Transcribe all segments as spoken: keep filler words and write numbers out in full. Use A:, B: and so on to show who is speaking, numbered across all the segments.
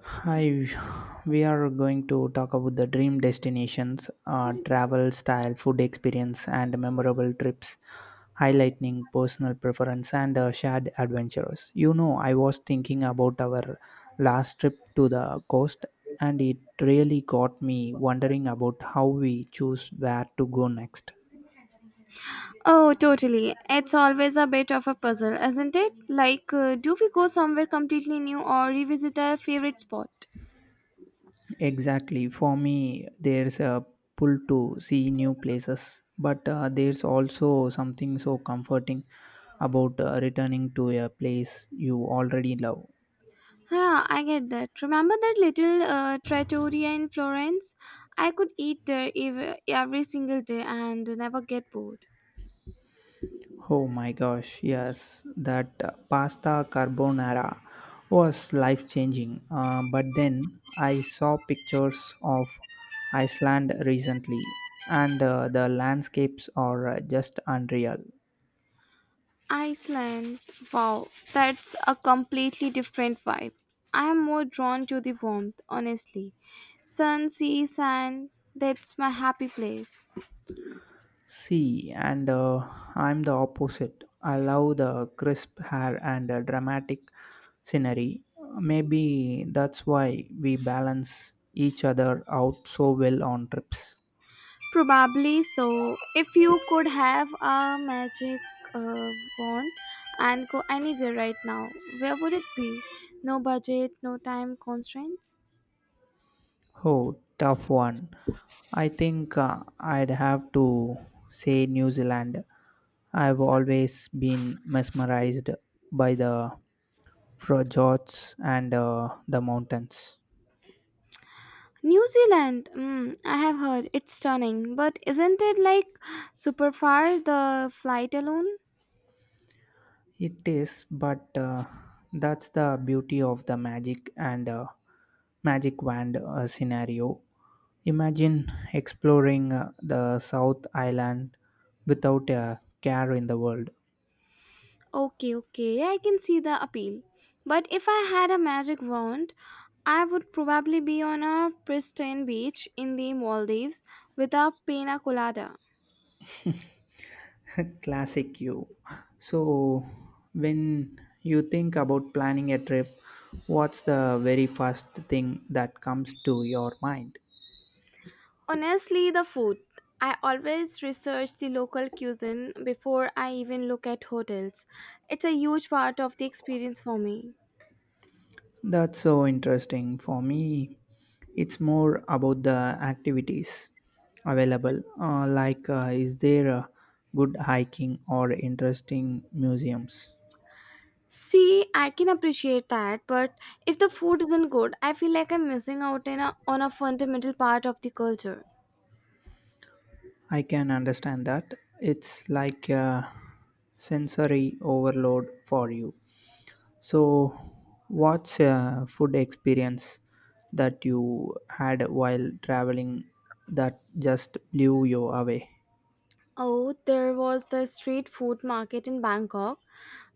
A: Hi, we are going to talk about the dream destinations, uh, travel style, food experience, and memorable trips, highlighting personal preference and uh, shared adventures. You know, I was thinking about our last trip to the coast, and it really got me wondering about how we choose where to go next.
B: Oh, totally. It's always a bit of a puzzle, isn't it? Like, uh, do we go somewhere completely new or revisit our favorite spot?
A: Exactly. For me, there's a pull to see new places, but uh, there's also something so comforting about uh, returning to a place you already love.
B: Yeah, I get that. Remember that little uh, trattoria in Florence? I could eat there ev- every single day and never get bored.
A: Oh my gosh, yes, that uh, pasta carbonara was life changing. Uh, but then I saw pictures of Iceland recently, and uh, the landscapes are uh, just unreal.
B: Iceland. Wow, that's a completely different vibe. I am more drawn to the warmth, honestly. Sun, sea, sand, that's my happy place.
A: See, and uh, I'm the opposite. I love the crisp hair and uh, dramatic scenery. Maybe that's why we balance each other out so well on trips.
B: Probably so. If you could have a magic uh, wand and go anywhere right now, where would it be? No budget, no time constraints.
A: Oh, tough one. I think uh, I'd have to say New Zealand. I've always been mesmerized by the fjords and uh, the mountains.
B: New Zealand. Mm, I have heard it's stunning, but isn't it like super far, the flight alone?
A: It is, but uh, that's the beauty of the magic and uh, magic wand uh, scenario. Imagine exploring uh, the South Island without a care in the world.
B: Okay, okay, I can see the appeal. But if I had a magic wand, I would probably be on a pristine beach in the Maldives with a pina colada.
A: Classic you. So, when you think about planning a trip, what's the very first thing that comes to your mind?
B: Honestly, the food. I always research the local cuisine before I even look at hotels. It's a huge part of the experience for me.
A: That's so interesting. For me, it's more about the activities available. Uh, like, uh, is there a good hiking or interesting museums?
B: See, I can appreciate that, but if the food isn't good, I feel like I'm missing out in a, on a fundamental part of the culture.
A: I can understand that. It's like a sensory overload for you. So, what's a food experience that you had while traveling that just blew you away?
B: Oh, there was the street food market in Bangkok.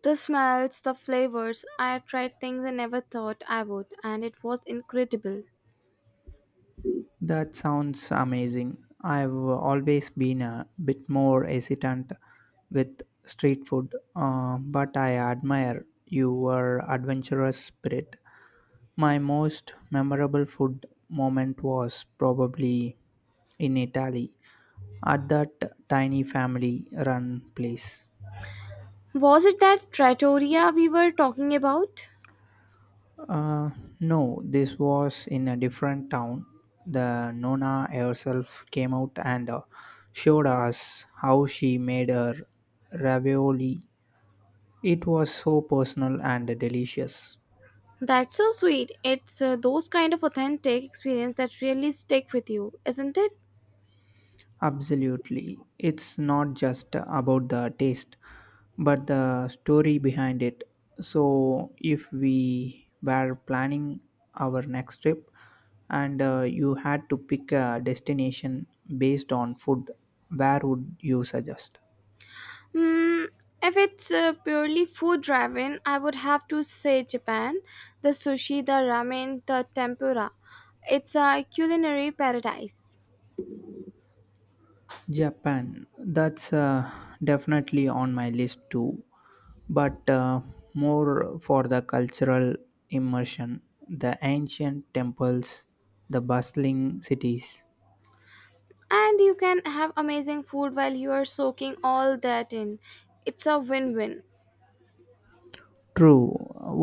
B: The smells, the flavors, I tried things I never thought I would, and it was incredible.
A: That sounds amazing. I've always been a bit more hesitant with street food, uh, but I admire your adventurous spirit. My most memorable food moment was probably in Italy at that tiny family run place.
B: Was it that trattoria we were talking about?
A: Uh, no, this was in a different town. The Nona herself came out and uh, showed us how she made her ravioli. It was so personal and delicious.
B: That's so sweet. It's uh, those kind of authentic experience that really stick with you, isn't it?
A: Absolutely. It's not just about the taste, but the story behind it. So, if we were planning our next trip and uh, you had to pick a destination based on food, where would you suggest?
B: Hmm. If it's uh, purely food driven, I would have to say Japan. The sushi, the ramen, the tempura. It's a culinary paradise.
A: Japan, that's uh, definitely on my list too, but uh, more for the cultural immersion, the ancient temples, the bustling cities.
B: And you can have amazing food while you are soaking all that in. It's a win win.
A: True.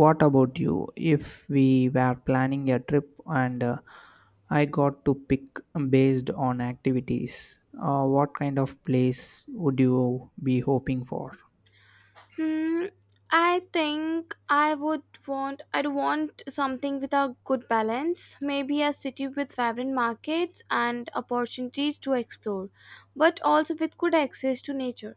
A: What about you? If we were planning a trip and uh, I got to pick based on activities, uh, what kind of place would you be hoping for?
B: Hmm, I think I would want I'd want something with a good balance, maybe a city with vibrant markets and opportunities to explore, but also with good access to nature.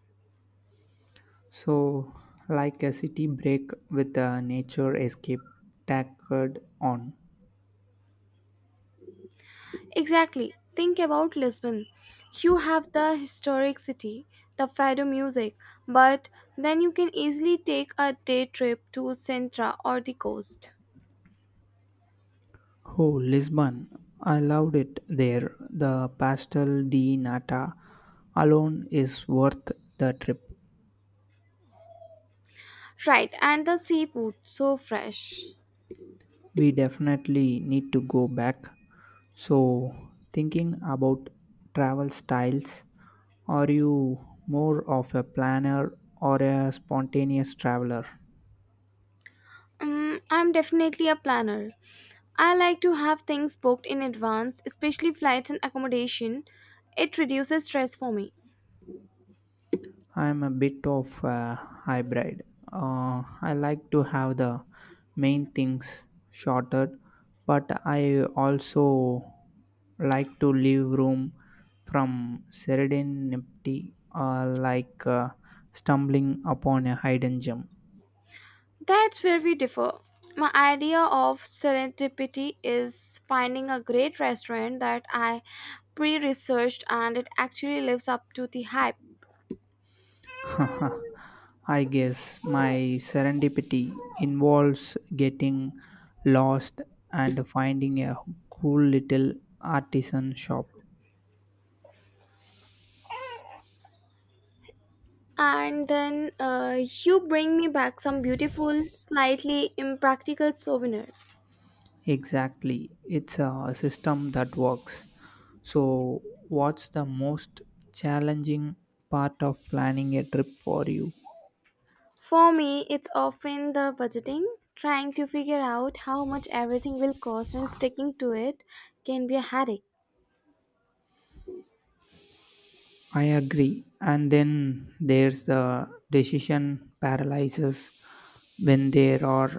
A: So, like a city break with a nature escape tacked on.
B: Exactly. Think about Lisbon. You have the historic city, the fado music, but then you can easily take a day trip to Sintra or the coast.
A: Oh, Lisbon. I loved it there. The Pastel de Nata alone is worth the trip.
B: Right, and the seafood so fresh.
A: We definitely need to go back. So, thinking about travel styles, are you more of a planner or a spontaneous traveler?
B: Mm, I'm definitely a planner. I like to have things booked in advance, especially flights and accommodation. It reduces stress for me.
A: I'm a bit of a hybrid. Uh, I like to have the main things sorted, but I also like to leave room from serendipity, uh, like uh, stumbling upon a hidden gem.
B: That's where we differ. My idea of serendipity is finding a great restaurant that I pre researched and it actually lives up to the hype.
A: I guess my serendipity involves getting lost and finding a cool little artisan shop.
B: And then uh, you bring me back some beautiful, slightly impractical souvenir.
A: Exactly. It's a system that works. So, what's the most challenging part of planning a trip for you?
B: For me, it's often the budgeting. Trying to figure out how much everything will cost and sticking to it can be a headache.
A: I agree. And then there's the decision paralysis when there are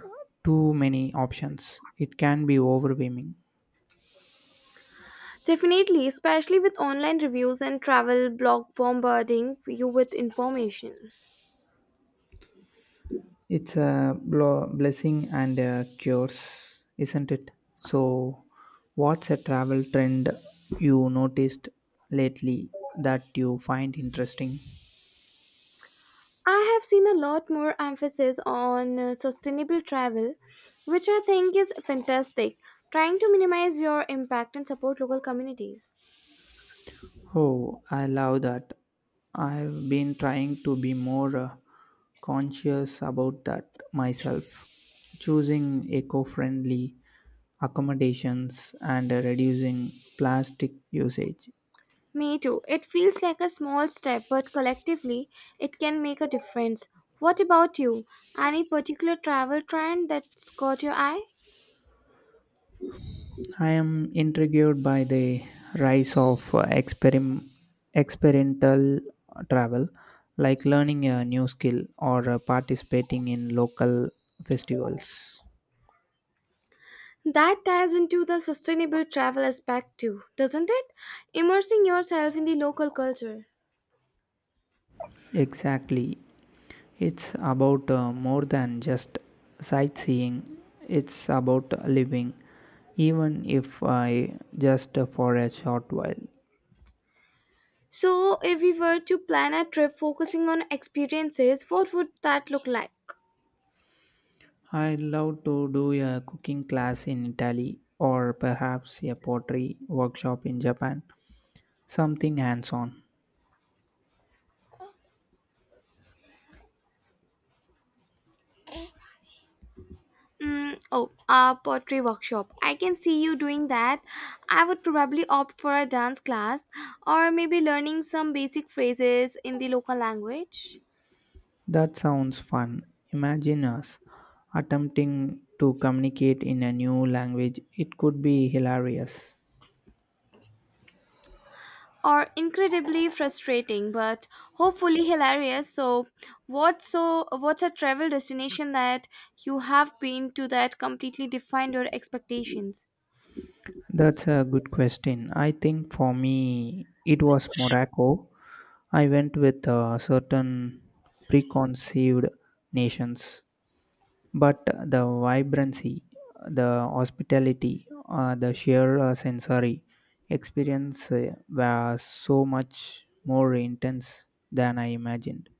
A: too many options. It can be overwhelming.
B: Definitely, especially with online reviews and travel blog bombarding you with information.
A: It's a blo- blessing and a curse, isn't it? So, what's a travel trend you noticed lately that you find interesting?
B: I have seen a lot more emphasis on uh, sustainable travel, which I think is fantastic, trying to minimize your impact and support local communities.
A: Oh, I love that. I've been trying to be more uh, conscious about that myself, choosing eco friendly accommodations and uh, reducing plastic usage.
B: Me too. It feels like a small step, but collectively, it can make a difference. What about you? Any particular travel trend that's caught your eye?
A: I am intrigued by the rise of uh, experim- experimental travel, like learning a new skill or uh, participating in local festivals.
B: That ties into the sustainable travel aspect too, doesn't it? Immersing yourself in the local culture.
A: Exactly. It's about uh, more than just sightseeing, it's about living, even if I just uh, for a short while.
B: So, if we were to plan a trip focusing on experiences, what would that look like?
A: I'd love to do a cooking class in Italy or perhaps a pottery workshop in Japan. Something hands on.
B: Mm, oh, a pottery workshop. I can see you doing that. I would probably opt for a dance class or maybe learning some basic phrases in the local language.
A: That sounds fun. Imagine us attempting to communicate in a new language. It could be hilarious.
B: Or incredibly frustrating, but hopefully hilarious. So, what's so what's a travel destination that you have been to that completely defined your expectations?
A: That's a good question. I think for me, it was Morocco. I went with uh, certain
B: Sorry.
A: preconceived nations. But the vibrancy, the hospitality, uh, the sheer uh, sensory experience uh, were so much more intense than I imagined.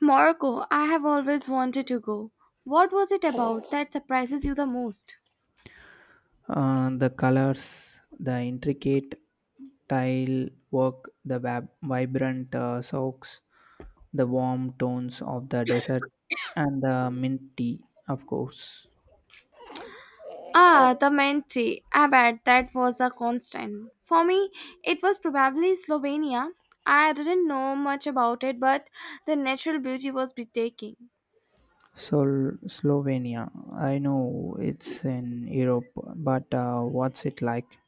B: Morocco. I have always wanted to go. What was it about that surprises you the most?
A: Uh, the colors, the intricate tile work, the vab- vibrant uh, socks, the warm tones of the desert, and the mint tea, of course.
B: Ah, the Menti. I bet that was a constant. For me, it was probably Slovenia. I didn't know much about it, but the natural beauty was breathtaking.
A: Sol- Slovenia. I know it's in Europe, but uh, what's it like?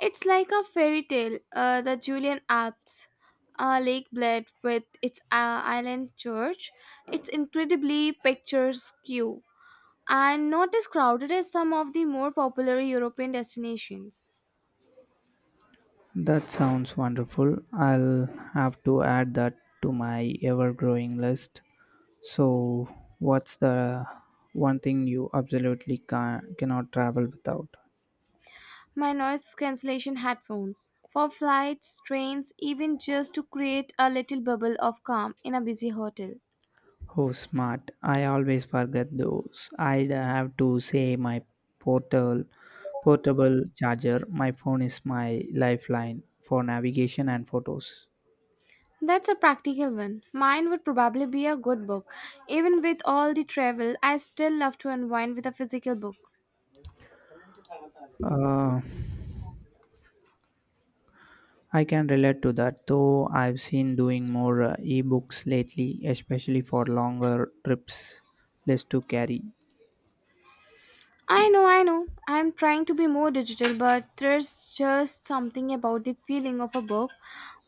B: It's like a fairy tale, uh, the Julian Alps, uh, Lake Bled with its uh, island church. It's incredibly picturesque and not as crowded as some of the more popular European destinations.
A: That sounds wonderful. I'll have to add that to my ever growing list. So, what's the one thing you absolutely ca- cannot travel without?
B: My noise cancellation headphones for flights, trains, even just to create a little bubble of calm in a busy hotel.
A: Oh, smart. I always forget those. I'd have to say my portal, portable charger. My phone is my lifeline for navigation and photos.
B: That's a practical one. Mine would probably be a good book. Even with all the travel, I still love to unwind with a physical book.
A: Uh, I can relate to that, though I've seen doing more uh, ebooks lately, especially for longer trips, less to carry.
B: I know, I know. I'm trying to be more digital, but there's just something about the feeling of a book.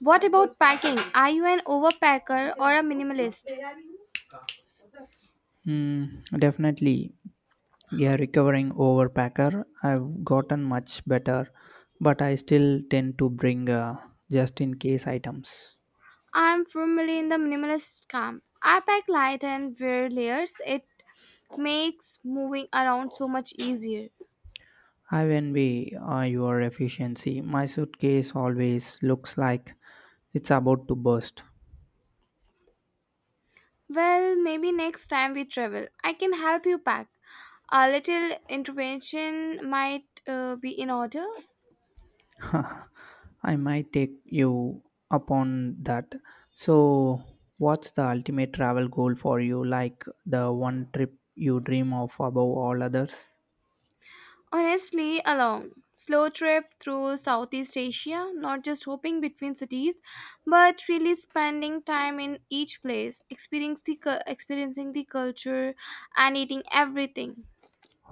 B: What about packing? Are you an overpacker or a minimalist?
A: Hmm, definitely, yeah, recovering overpacker. I've gotten much better, but I still tend to bring uh, just in case items.
B: I'm firmly in the minimalist camp. I pack light and wear layers. It makes moving around so much easier.
A: I envy uh, your efficiency. My suitcase always looks like it's about to burst.
B: Well, maybe next time we travel, I can help you pack. A little intervention might uh, be in order.
A: I might take you upon that. So, what's the ultimate travel goal for you? Like the one trip you dream of above all others?
B: Honestly, a long, slow trip through Southeast Asia, not just hopping between cities, but really spending time in each place, experiencing the, cu- experiencing the culture, and eating everything.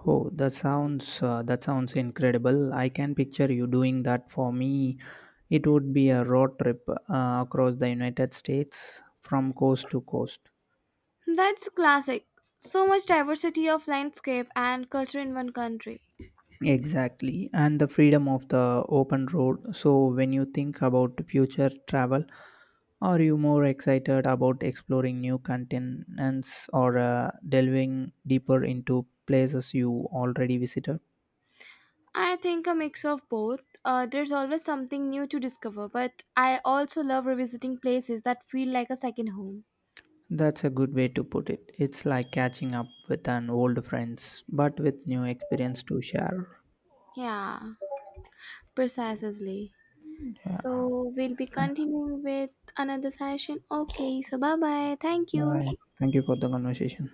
A: Oh, that sounds uh, that sounds incredible. I can picture you doing that for me. It would be a road trip uh, across the United States from coast to coast.
B: That's classic. So much diversity of landscape and culture in one country.
A: Exactly, and the freedom of the open road. So, when you think about future travel, are you more excited about exploring new continents or uh, delving deeper into places you already visited?
B: I think a mix of both. Uh, there's always something new to discover, but I also love revisiting places that feel like a second home.
A: That's a good way to put it. It's like catching up with an old friends, but with new experience to share.
B: Yeah, precisely.
A: Yeah.
B: So we'll be continuing with another session. Okay, so bye bye. Thank you.
A: Bye. Thank you for the conversation.